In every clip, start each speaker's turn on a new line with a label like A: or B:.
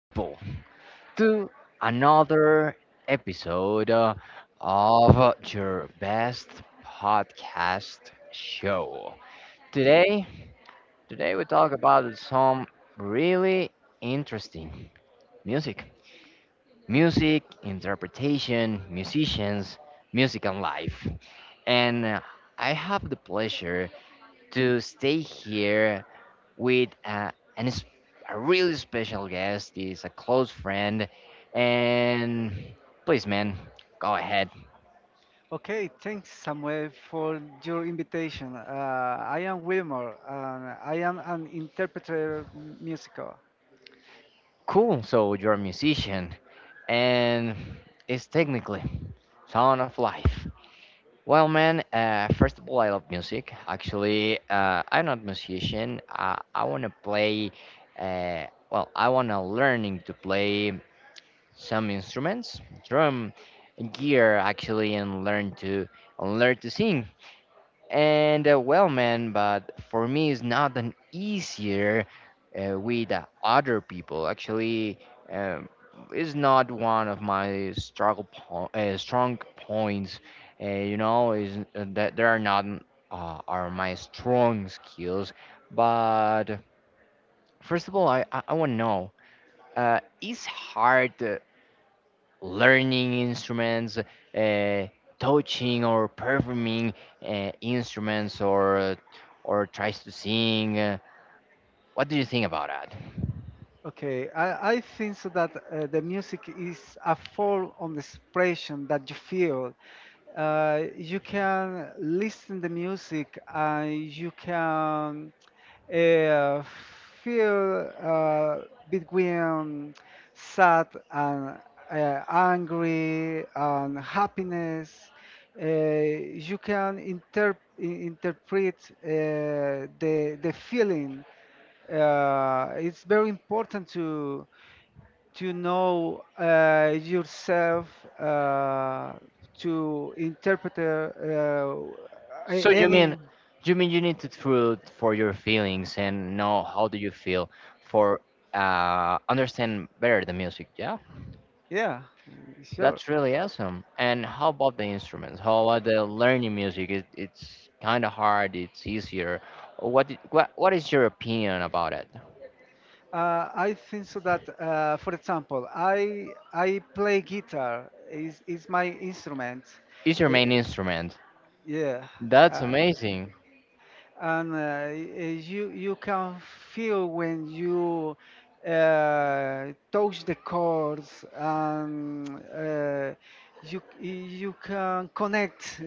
A: people, to another episode of your best podcast show. Today, today we talk about some really interesting music, music interpretation, musicians, music and life. And I have the pleasure to stay here with an, es- a really special guest. He's a close friend. And please, man, go ahead.
B: Okay, thanks Samuel for your invitation. I am Wilmore and I am an interpreter musical.
A: Cool. So you're a musician and it's technically sound of life. Well, man, first of all, I love music. Actually, I'm not musician. I want to play, uh, well, I want to learning to play some instruments, drum, gear, actually, and learn to sing. And well, man, but for me, it's not an easier with other people. Actually, um, it's not one of my strong points. Is that there are not are my strong skills. But first of all, I want to know. Is hard. Learning instruments, touching or performing instruments, or tries to sing. What do you think about that?
B: Okay, I think so that the music is a form of expression that you feel. You can listen the music and you can uh, feel, between sad and angry and happiness. You can interpret uh, the feeling. It's very important to know yourself, uh, to interpret
A: So you
B: any.
A: mean you mean you need to truth for your feelings and know how do you feel for understand better the music? Yeah,
B: Yeah, sure.
A: that's really awesome. And how about the instruments? How about the learning music? It, it's kind of hard. It's easier. What, what is your opinion about it?
B: I think so that, for example, I play guitar. Is my instrument.
A: Is your
B: Uh,
A: main instrument.
B: yeah,
A: That's
B: uh,
A: amazing.
B: and you can feel when you touch the chords, and you can connect,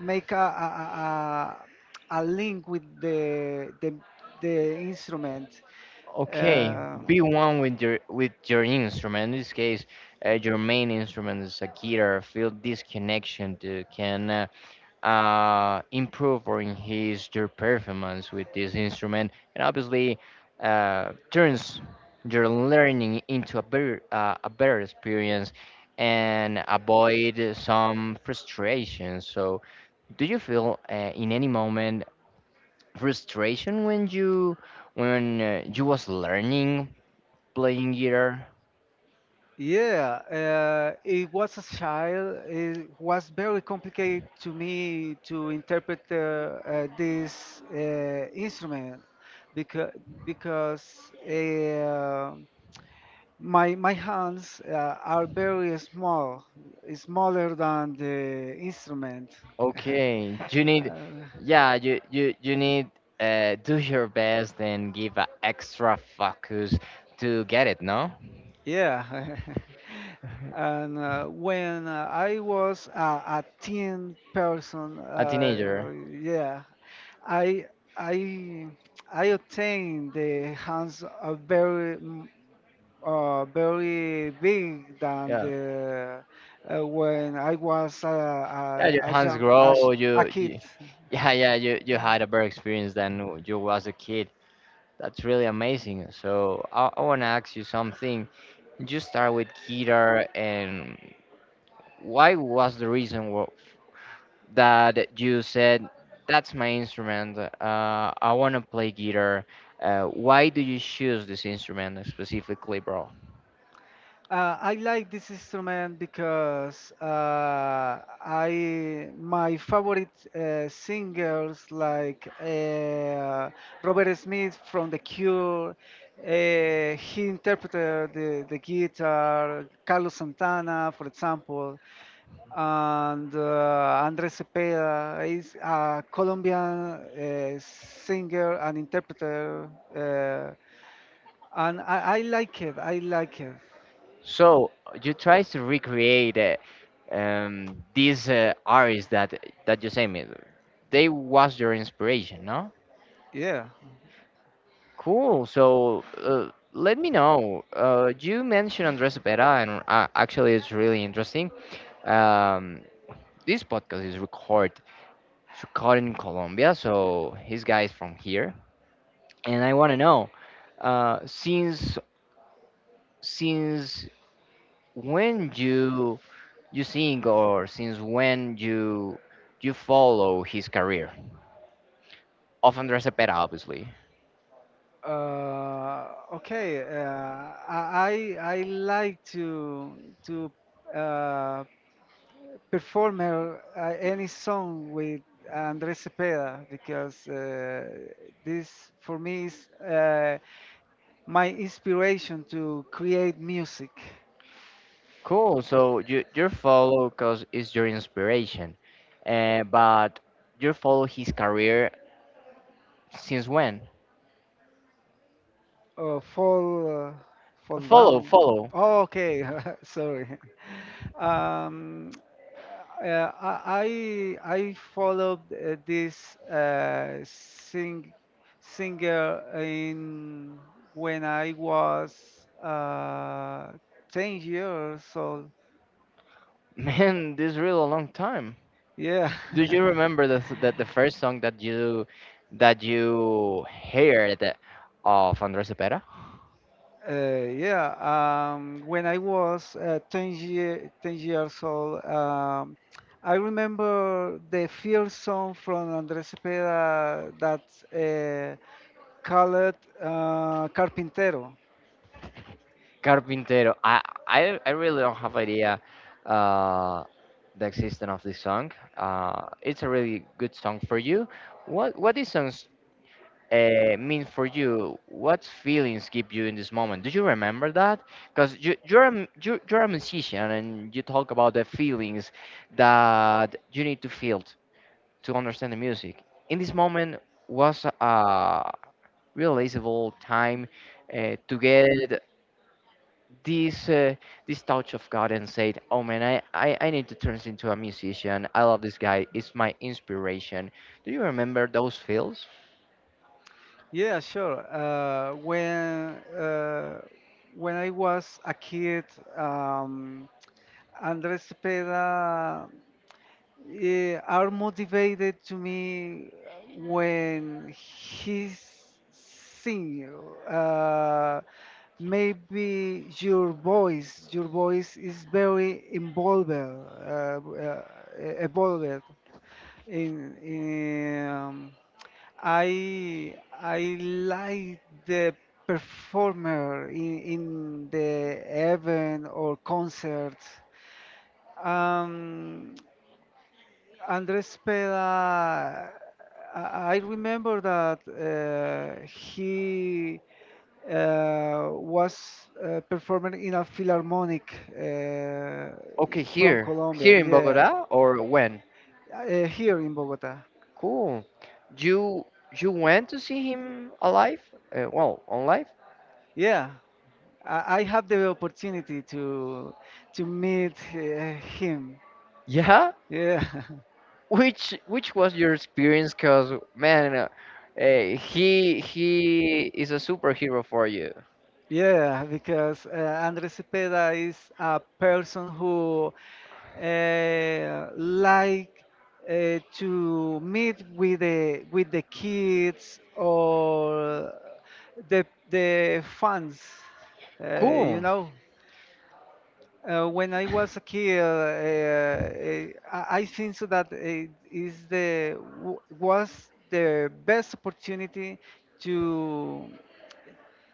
B: make a link with the instrument.
A: Okay,
B: Uh,
A: be one with your instrument. In this case, your main instrument is a guitar. Feel this connection to can improve or enhance your performance with this instrument, and obviously turns your learning into a better experience and avoid some frustration. So, do you feel in any moment? Frustration when you was learning playing guitar.
B: Yeah, it was a child. It was very complicated to me to interpret this instrument because because my hands are very small, smaller than the instrument.
A: Okay, you need.
B: Uh,
A: Yeah, you need do your best and give a extra focus to get it, no?
B: yeah, and when I was a teen person,
A: A teenager.
B: yeah, I I I obtained the hands are very big than
A: Yeah,
B: the. Uh, When I was
A: yeah, your
B: a
A: hands
B: young
A: grow.
B: a, sh-
A: you,
B: a
A: you
B: kid.
A: yeah, yeah, you had a better experience than you was a kid. That's really amazing. So I want to ask you something. You start with guitar, and why was the reason, that you said that's my instrument? Uh, I want to play guitar. Uh, why do you choose this instrument specifically, bro?
B: I like this instrument because I my favorite singers like Robert Smith from The Cure. He interpreted the guitar, Carlos Santana, for example, and Andres Cepeda is a Colombian singer and interpreter, and I like it. I like it.
A: So you try to recreate these artists that that you say me they was your inspiration, no?
B: Yeah.
A: Cool. So let me know. Uh, you mentioned Andres Cepeda, and actually it's really interesting. um, this podcast is recorded so caught in Colombia, so his guy is from here, and I want to know, uh, since since when you sing, or since when you follow his career of Andres Cepeda, obviously.
B: Okay, I like to uh, perform any song with Andrés Cepeda because this for me is my inspiration to create music.
A: Cool. So you follow because it's your inspiration, but you follow his career since when?
B: Uh, fall uh, fall
A: Follow,
B: down.
A: follow.
B: Oh, okay, sorry. Um, uh, I followed this singer in when I was 10 years old.
A: Man, this is really a long time.
B: Yeah.
A: Do you remember that the first song that you heard of Andrés Cepeda?
B: Yeah, when I was 10, year, 10 years old, I remember the first song from Andrés Cepeda that uh, call it Carpintero.
A: Carpintero. I really don't have idea uh the existence of this song. It's a really good song for you. What these songs mean for you? What feelings keep you in this moment? Do you remember that? Because you you're a, you you're a musician, and you talk about the feelings that you need to feel to understand the music. In this moment was a realizable time to get this this touch of God and said, "Oh man, I need to turn into a musician. I love this guy. It's my inspiration." Do you remember those feels?
B: Yeah, sure. When when I was a kid, um, Andres Cepeda are motivated to me when he's sing. Uh, Maybe your voice is very evolved in. I I like the performer in the event or concert. Um, Andres Peda, I remember that he was performing in a philharmonic
A: Okay,
B: from
A: here,
B: Colombia.
A: here in
B: Yeah,
A: Bogota, or when?
B: here in Bogota.
A: Cool. You you went to see him alive? Well, on live?
B: Yeah, I had the opportunity to meet him.
A: Yeah.
B: Yeah.
A: Which was your experience? Cause man, he is a superhero for you.
B: Yeah, because Andres Cepeda is a person who like to meet with the kids or the fans, uh, you
A: Cool.
B: know. When I was a kid, I think so that it is was the best opportunity to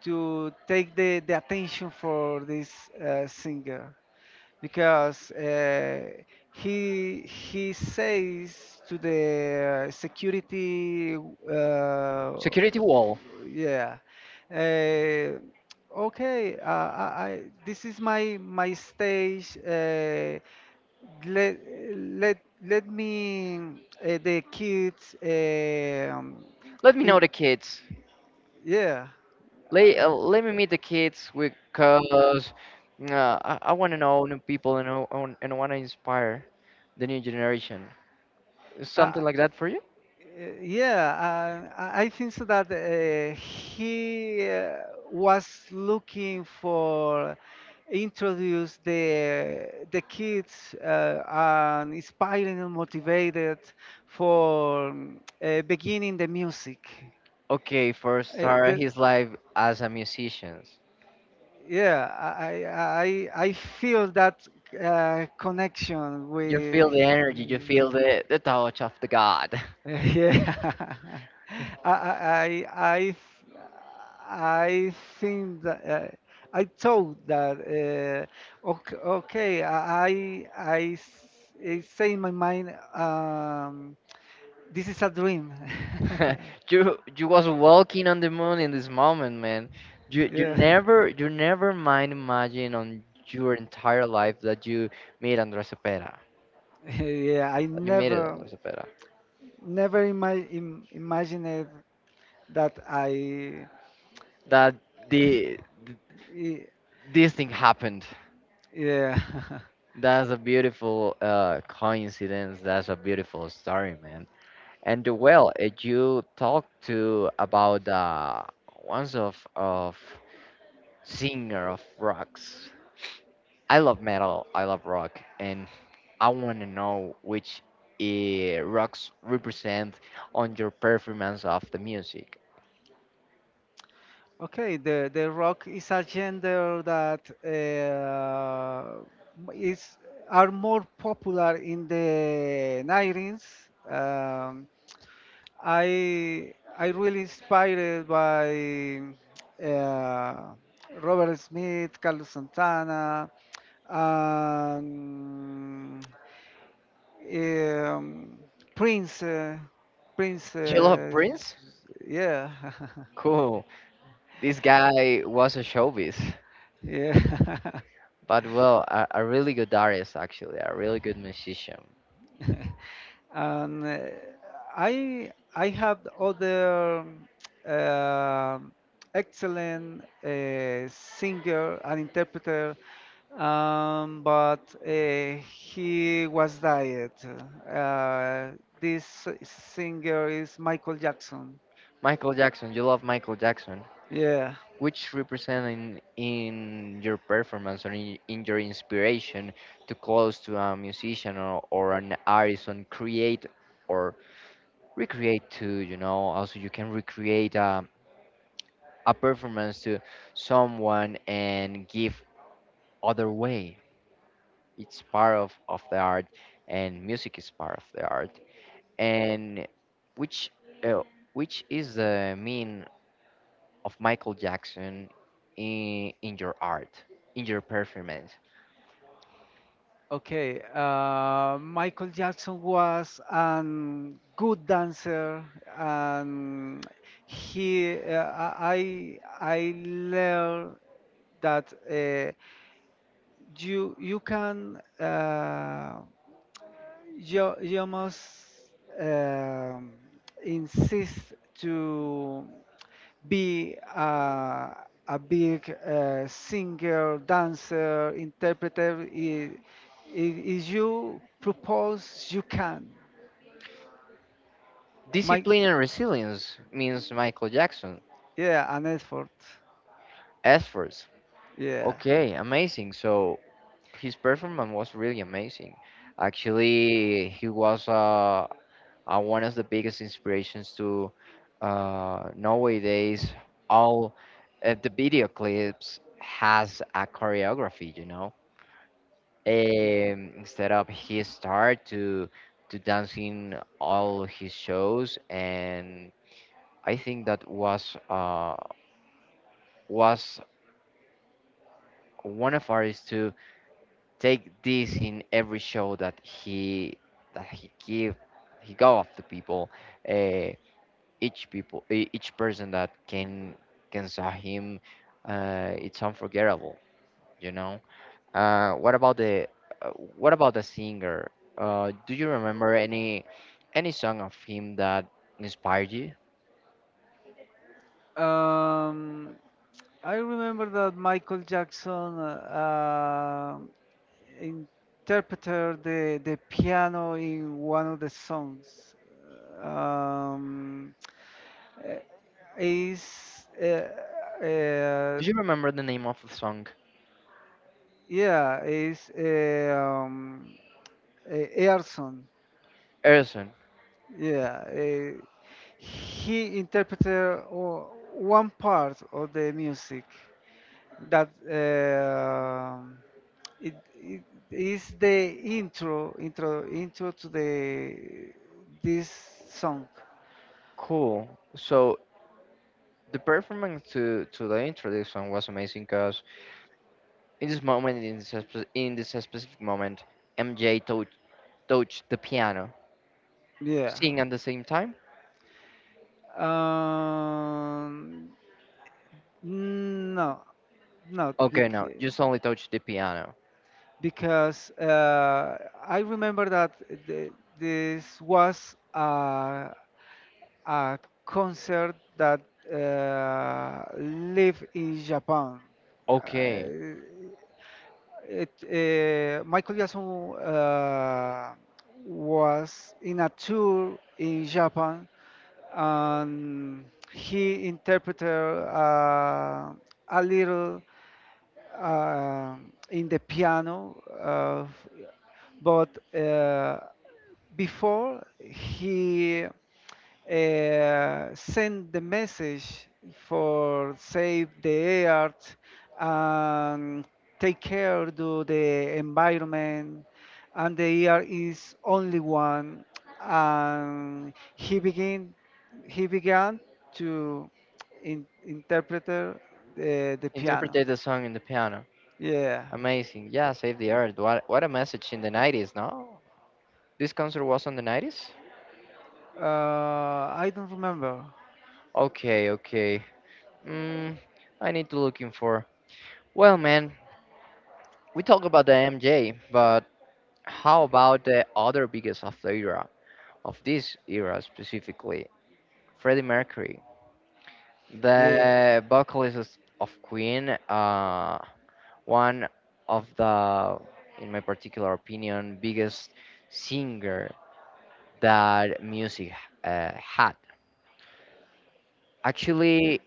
B: to take the attention for this singer because he says to the security, uh,
A: Security wall.
B: yeah uh, okay, I this is my stage, let let let me the kids,
A: Let me know
B: in
A: the kids.
B: yeah
A: Let,
B: uh,
A: let me meet the kids because I want to know new people, and I want to inspire the new generation.
B: uh, uh,
A: Something like that for you?
B: Yeah, I think so that he was looking for introduce the kids and inspiring and motivated for beginning the music.
A: Okay, first
B: Uh,
A: start
B: the,
A: his life as a musician.
B: yeah, I feel that connection
A: You
B: with
A: feel the energy, you
B: him.
A: feel the touch of the God.
B: Yeah. I I I I think that I thought that uh, okay, okay I I I s- I say in my mind, this is a dream.
A: You was walking on the moon in this moment, man. You
B: Yeah,
A: never, you never mind imagine on your entire life that you meet Andres Cepeda.
B: yeah. I
A: You meet it
B: never
A: Andres Cepeda.
B: never ima- im- imagined that
A: That the th-
B: I
A: this thing happened.
B: Yeah.
A: That's a beautiful coincidence. That's a beautiful story, man. And well, you talked to about once of singer of rocks. I love metal. I love rock, and I want to know which rocks represent on your performance of the music.
B: Okay, the rock is a gender that is are more popular in the 90s. Um, I really inspired by uh, Robert Smith, Carlos Santana, and um, Prince. Uh, Prince,
A: You love
B: uh,
A: Prince?
B: yeah,
A: Cool. This guy was a showbiz,
B: yeah.
A: but well, a really good artist actually, a really good musician.
B: And I had other uh, excellent singer and interpreter, but he was died. Uh, this singer is Michael Jackson.
A: Michael Jackson, you love Michael Jackson.
B: Yeah.
A: Which represent in your performance, or in your inspiration to close to a musician or an artist and create or recreate too, you know, also you can recreate a performance to someone and give other way. It's part of the art, and music is part of the art. And which uh, which is the mean of Michael Jackson in your art, in your performance?
B: Okay. Michael Jackson was a good dancer, and he I learned that you you can you must um, insist to be a big singer, dancer, interpreter. If you propose, you can. My
A: Discipline and resilience means Michael Jackson.
B: Yeah, an effort.
A: Efforts.
B: Yeah.
A: Okay, amazing. So his performance was really amazing. Actually, he was a, one of the biggest inspirations to nowadays all the video clips has a choreography, you know. Instead of he start to dancing all his shows, and I think that was one of ours to take this in every show that he give he go of the people uh, each people each person that can saw him it's unforgettable, you know. Uh, uh, what about the singer? Do you remember any song of him that inspired you?
B: Um, I remember that Michael Jackson. Interpreted the piano in one of the songs. Um, eh, is uh, uh,
A: Do you remember the name of the song?
B: yeah, Earson.
A: Erson.
B: Yeah, he interpreted one part of the music that it is the intro to the this song.
A: Cool. So the performance to the introduction was amazing, because in this moment in this, in this specific moment MJ touch, touched the piano
B: Yeah.
A: sing at the same time.
B: Um, no, not
A: Okay, now just
B: because.
A: only touch the piano.
B: Because I remember that the, this was a concert that live in Japan. Uh,
A: Okay,
B: Michael Jackson was in a tour in Japan and he interpreted a little uh, in the piano, but before he send the message for save the earth and take care to the environment and the earth is only one and he began to interpret the piano.
A: interpretate the song in the piano.
B: Yeah.
A: Amazing. Yeah, save the earth. What a message in the 90s, no? This concert was on the 90s?
B: Uh, i don't remember.
A: Okay, okay. Mm, I need to looking for. Well, man, we talk about the MJ, but how about the other biggest of the era, of this era specifically, Freddie Mercury,
B: Yeah.
A: the vocalist of Queen, one of the, in my particular opinion, biggest singer that music had. Actually,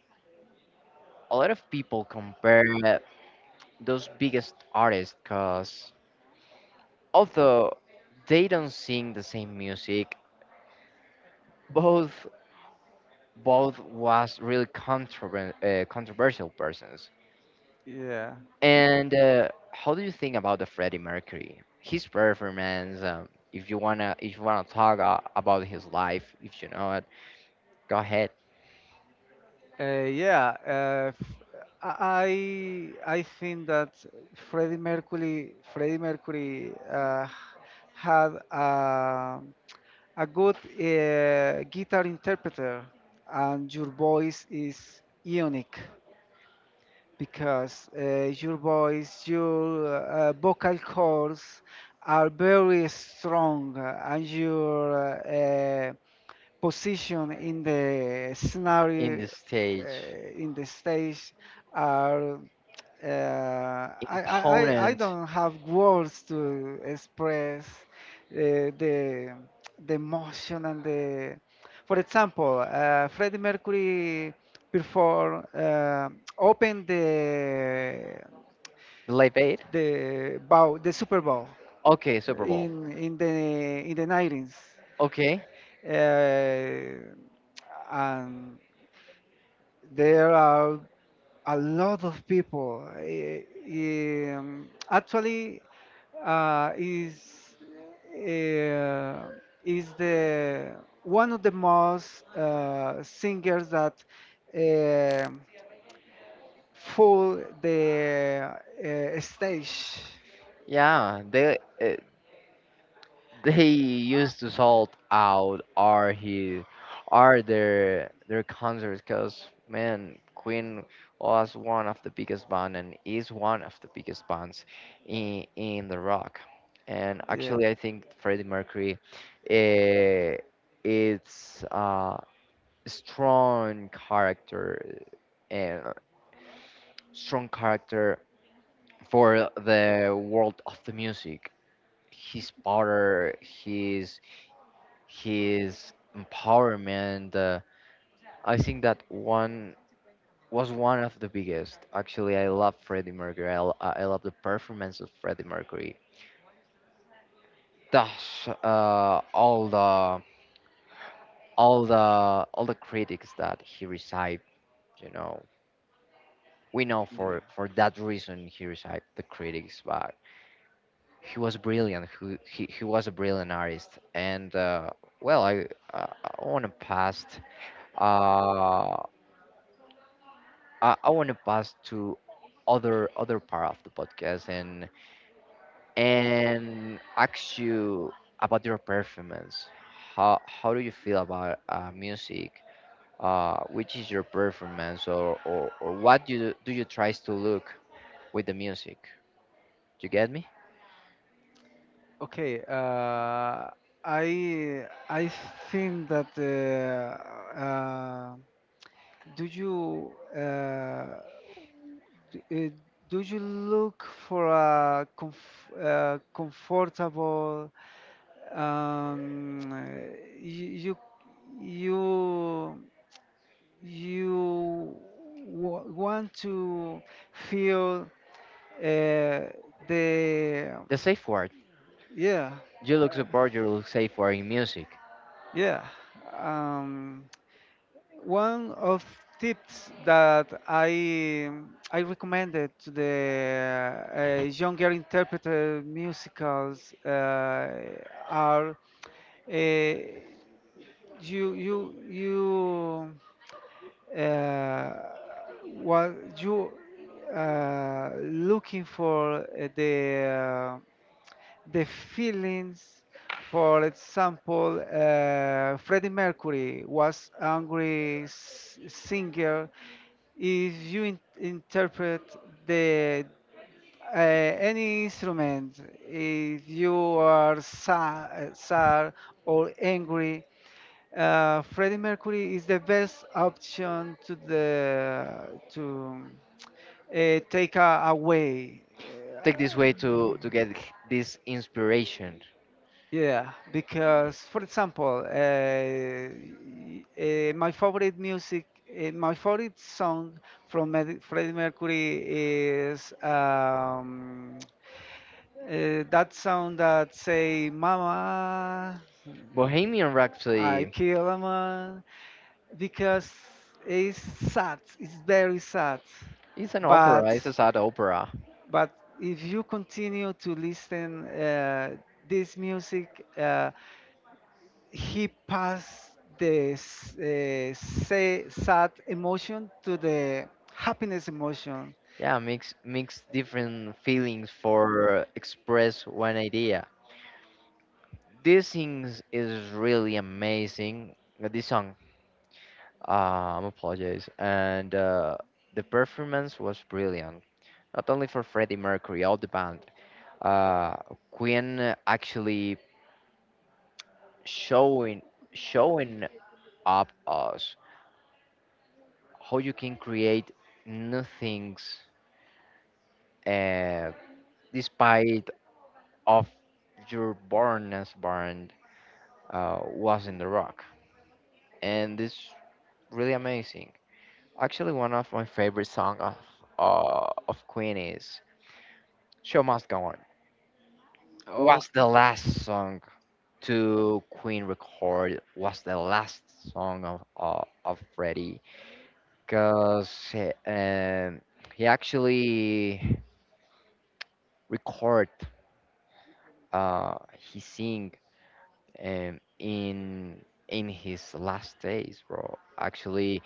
A: a lot of people compare those biggest artists, because although they don't sing the same music, both both was really controversial persons.
B: Yeah.
A: And how do you think about the Freddie Mercury? His performance. If you wanna talk about his life, if you know it, go ahead.
B: I think that Freddie Mercury had a good guitar interpreter, and your voice is unique because your voice, your vocal cords are very strong, and your position in the
A: In the
B: scenario,
A: stage,
B: in the stage are, I
A: imponent.
B: don't have words to express uh, the the emotion and the. For example, Freddie Mercury before opened
A: Late eight.
B: the Super Bowl
A: Okay, Super Bowl.
B: in the 90s,
A: Okay,
B: uh, and there are a lot of people. Actually, uh, is uh, is the one of the most singers that uh, full the stage.
A: yeah. They used to sold out are he are their concerts, because man, Queen was one of the biggest band and is one of the biggest bands in the rock, and
B: Yeah,
A: actually I think Freddie Mercury eh, it's a strong character and strong character for the world of the music, his power, his empowerment. I think that one was one of the biggest. Actually, I love Freddie Mercury. I love the performance of Freddie Mercury. Thus, all the all the all the critics that he received, you know, we know
B: yeah.
A: for that reason he received the critics, but he was brilliant. He was a brilliant artist, and well, I want to pass uh, I want to pass to other other part of the podcast and ask you about your performance. How do you feel about music? Which is your performance, or what do you try to look with the music? You get me?
B: Okay. I think that do you. Uh, D- uh, Do you look for a comfortable, um, uh, you you you want to feel uh, the.
A: The safe word.
B: Yeah.
A: You look support. You look safe word in music.
B: Yeah. um, One of tips that I recommended to the younger interpreter musicals are, uh, you uh, what you looking for the the feelings. For example, Freddie Mercury was angry singer. If you interpret the any instrument, if you are sad, or angry, Freddie Mercury is the best option to the to take a, away.
A: Take this way
B: Uh,
A: to get this inspiration.
B: Yeah, because for example, my favorite music, my favorite song from Freddie Mercury is that song that say "Mama,
A: Bohemian
B: I
A: Rhapsody
B: kill a man," because it's sad. It's very sad,
A: is an
B: but
A: opera. It's a sad opera.
B: but if you continue to listen this music. He passed this sad emotion to the happiness emotion.
A: Yeah, mix mix different feelings for express one idea. This thing is really amazing. This song, I'm apologize, and the performance was brilliant. Not only for Freddie Mercury, all the band. Uh, Queen actually showing showing up us how you can create new things uh, despite of your bornness, born was in the rock, and it's really amazing. Actually, one of my favorite song of Queen is "Show Must Go On." Was the
B: Okay.
A: last song to Queen record. Was the last song of Freddie, cause he actually record he sing um, in in his last days, bro. Actually,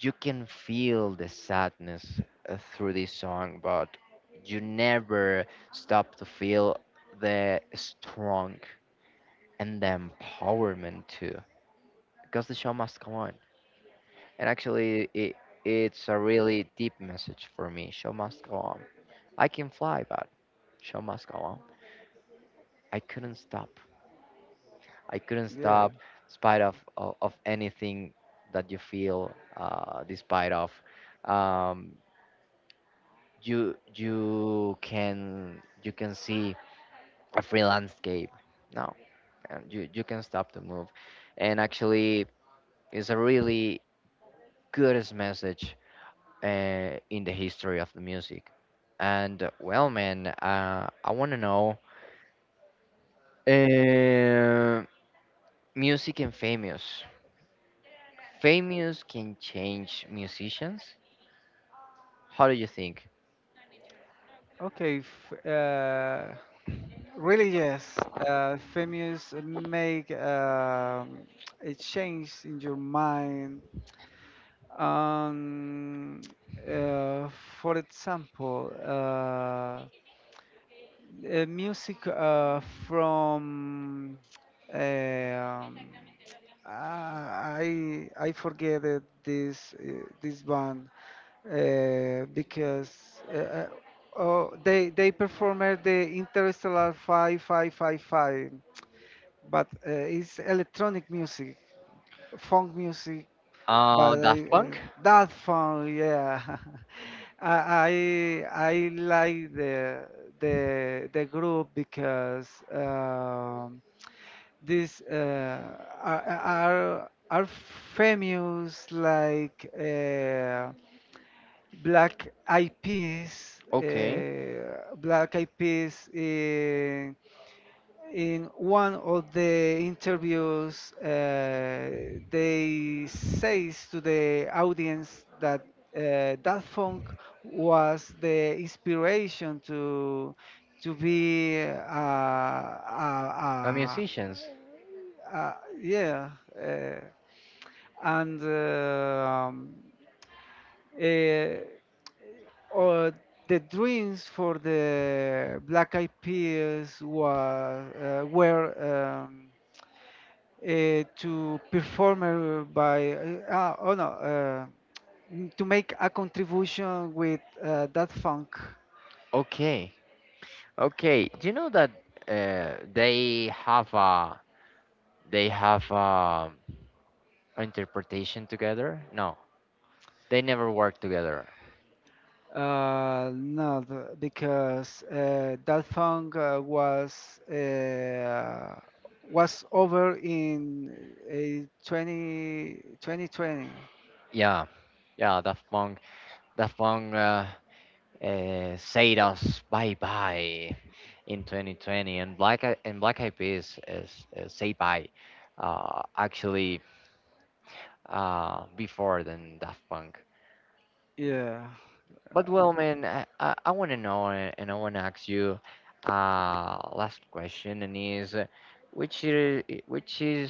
A: you can feel the sadness through this song, but you never stop to feel the strong and the empowerment too, because the show must go on. And actually, it, it's a really deep message for me. Show must go on. I can fly, but show must go on. I couldn't stop. I couldn't
B: Yeah.
A: stop, despite of anything that you feel, despite of. Um, you you can see a free landscape now, and you can stop the move, and actually it's a really good message in the history of the music. And well, man, I want to know uh, music and famous can change musicians. How do you think?
B: Okay. Really, yes. Famous make a change in your mind. Um, uh, for example, music from, um, I forget that this this band uh, because uh, uh, oh, they performed the Interstellar 5555, but it's electronic music, funk music, but
A: Uh,
B: I,
A: Daft
B: uh,
A: Punk.
B: that funk, yeah. I I like the group because. These are, are famous like black eyed peas
A: Okay.
B: in one of the interviews they says to the audience that that funk was the inspiration to be
A: Uh, musicians.
B: uh, yeah, uh, and um, eh, or the dreams for the Black Eyed Peas was, were to perform by ah, oh no n- to make a contribution with that funk.
A: Okay. Okay, do you know that uh, they have a they have a interpretation together? No, they never work together.
B: No, because that song was over in 20, 2020.
A: Yeah, yeah, Daft Punk said us bye bye in 2020, and Black Eyed Peas is say bye, actually before than Daft Punk.
B: Yeah.
A: But
B: Uh,
A: well, man, I want to know and I want to ask you last question, and is which is which is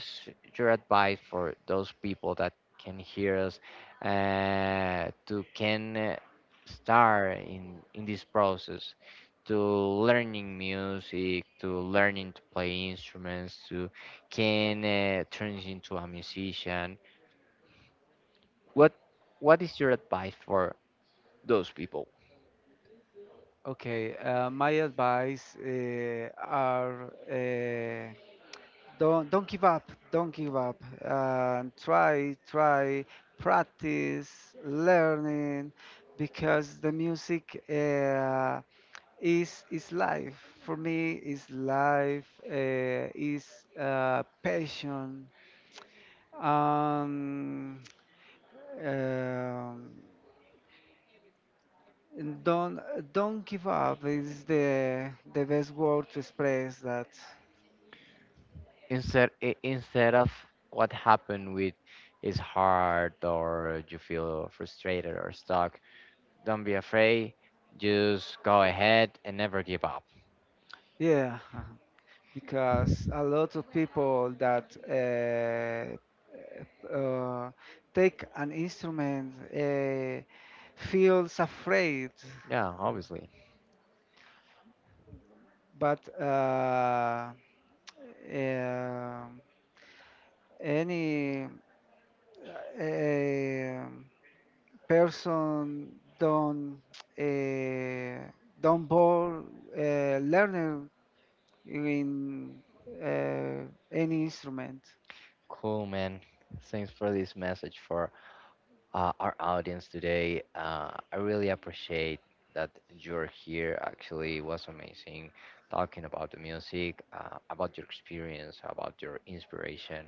A: your advice for those people that can hear us to can start in this process to learning music, to learning to play instruments, to can turn into a musician. What what is your advice for those people?
B: Okay. My advice are, uh, don't give up. Don't give up. Try, try, practice, learning, because the music. Is life. For me is life, is passion, um, um, and don't give up is the best word to express that.
A: Instead instead of what happened with is hard, or you feel frustrated or stuck, don't be afraid, just go ahead and never give up.
B: Yeah. Because a lot of people that uh, take an instrument feels afraid,
A: Yeah, obviously.
B: but um, any um person don't, uh, don't bore learner in uh, any instrument.
A: Cool, man. Thanks for this message for our audience today. I really appreciate that you're here. Actually, it was amazing talking about the music, about your experience, about your inspiration.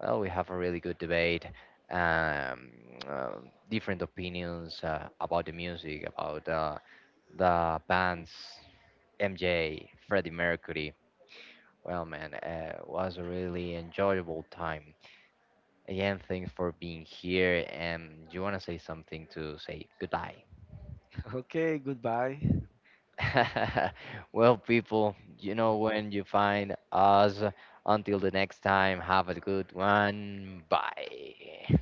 A: Well, we have a really good debate, um, uh, different opinions about the music, about the bands, MJ, Freddie Mercury. Well, man, it was a really enjoyable time. Again, thanks for being here. And you want to say something to say goodbye?
B: Okay, goodbye.
A: Well, people, you know when you find us. Until the next time, have a good one. Bye.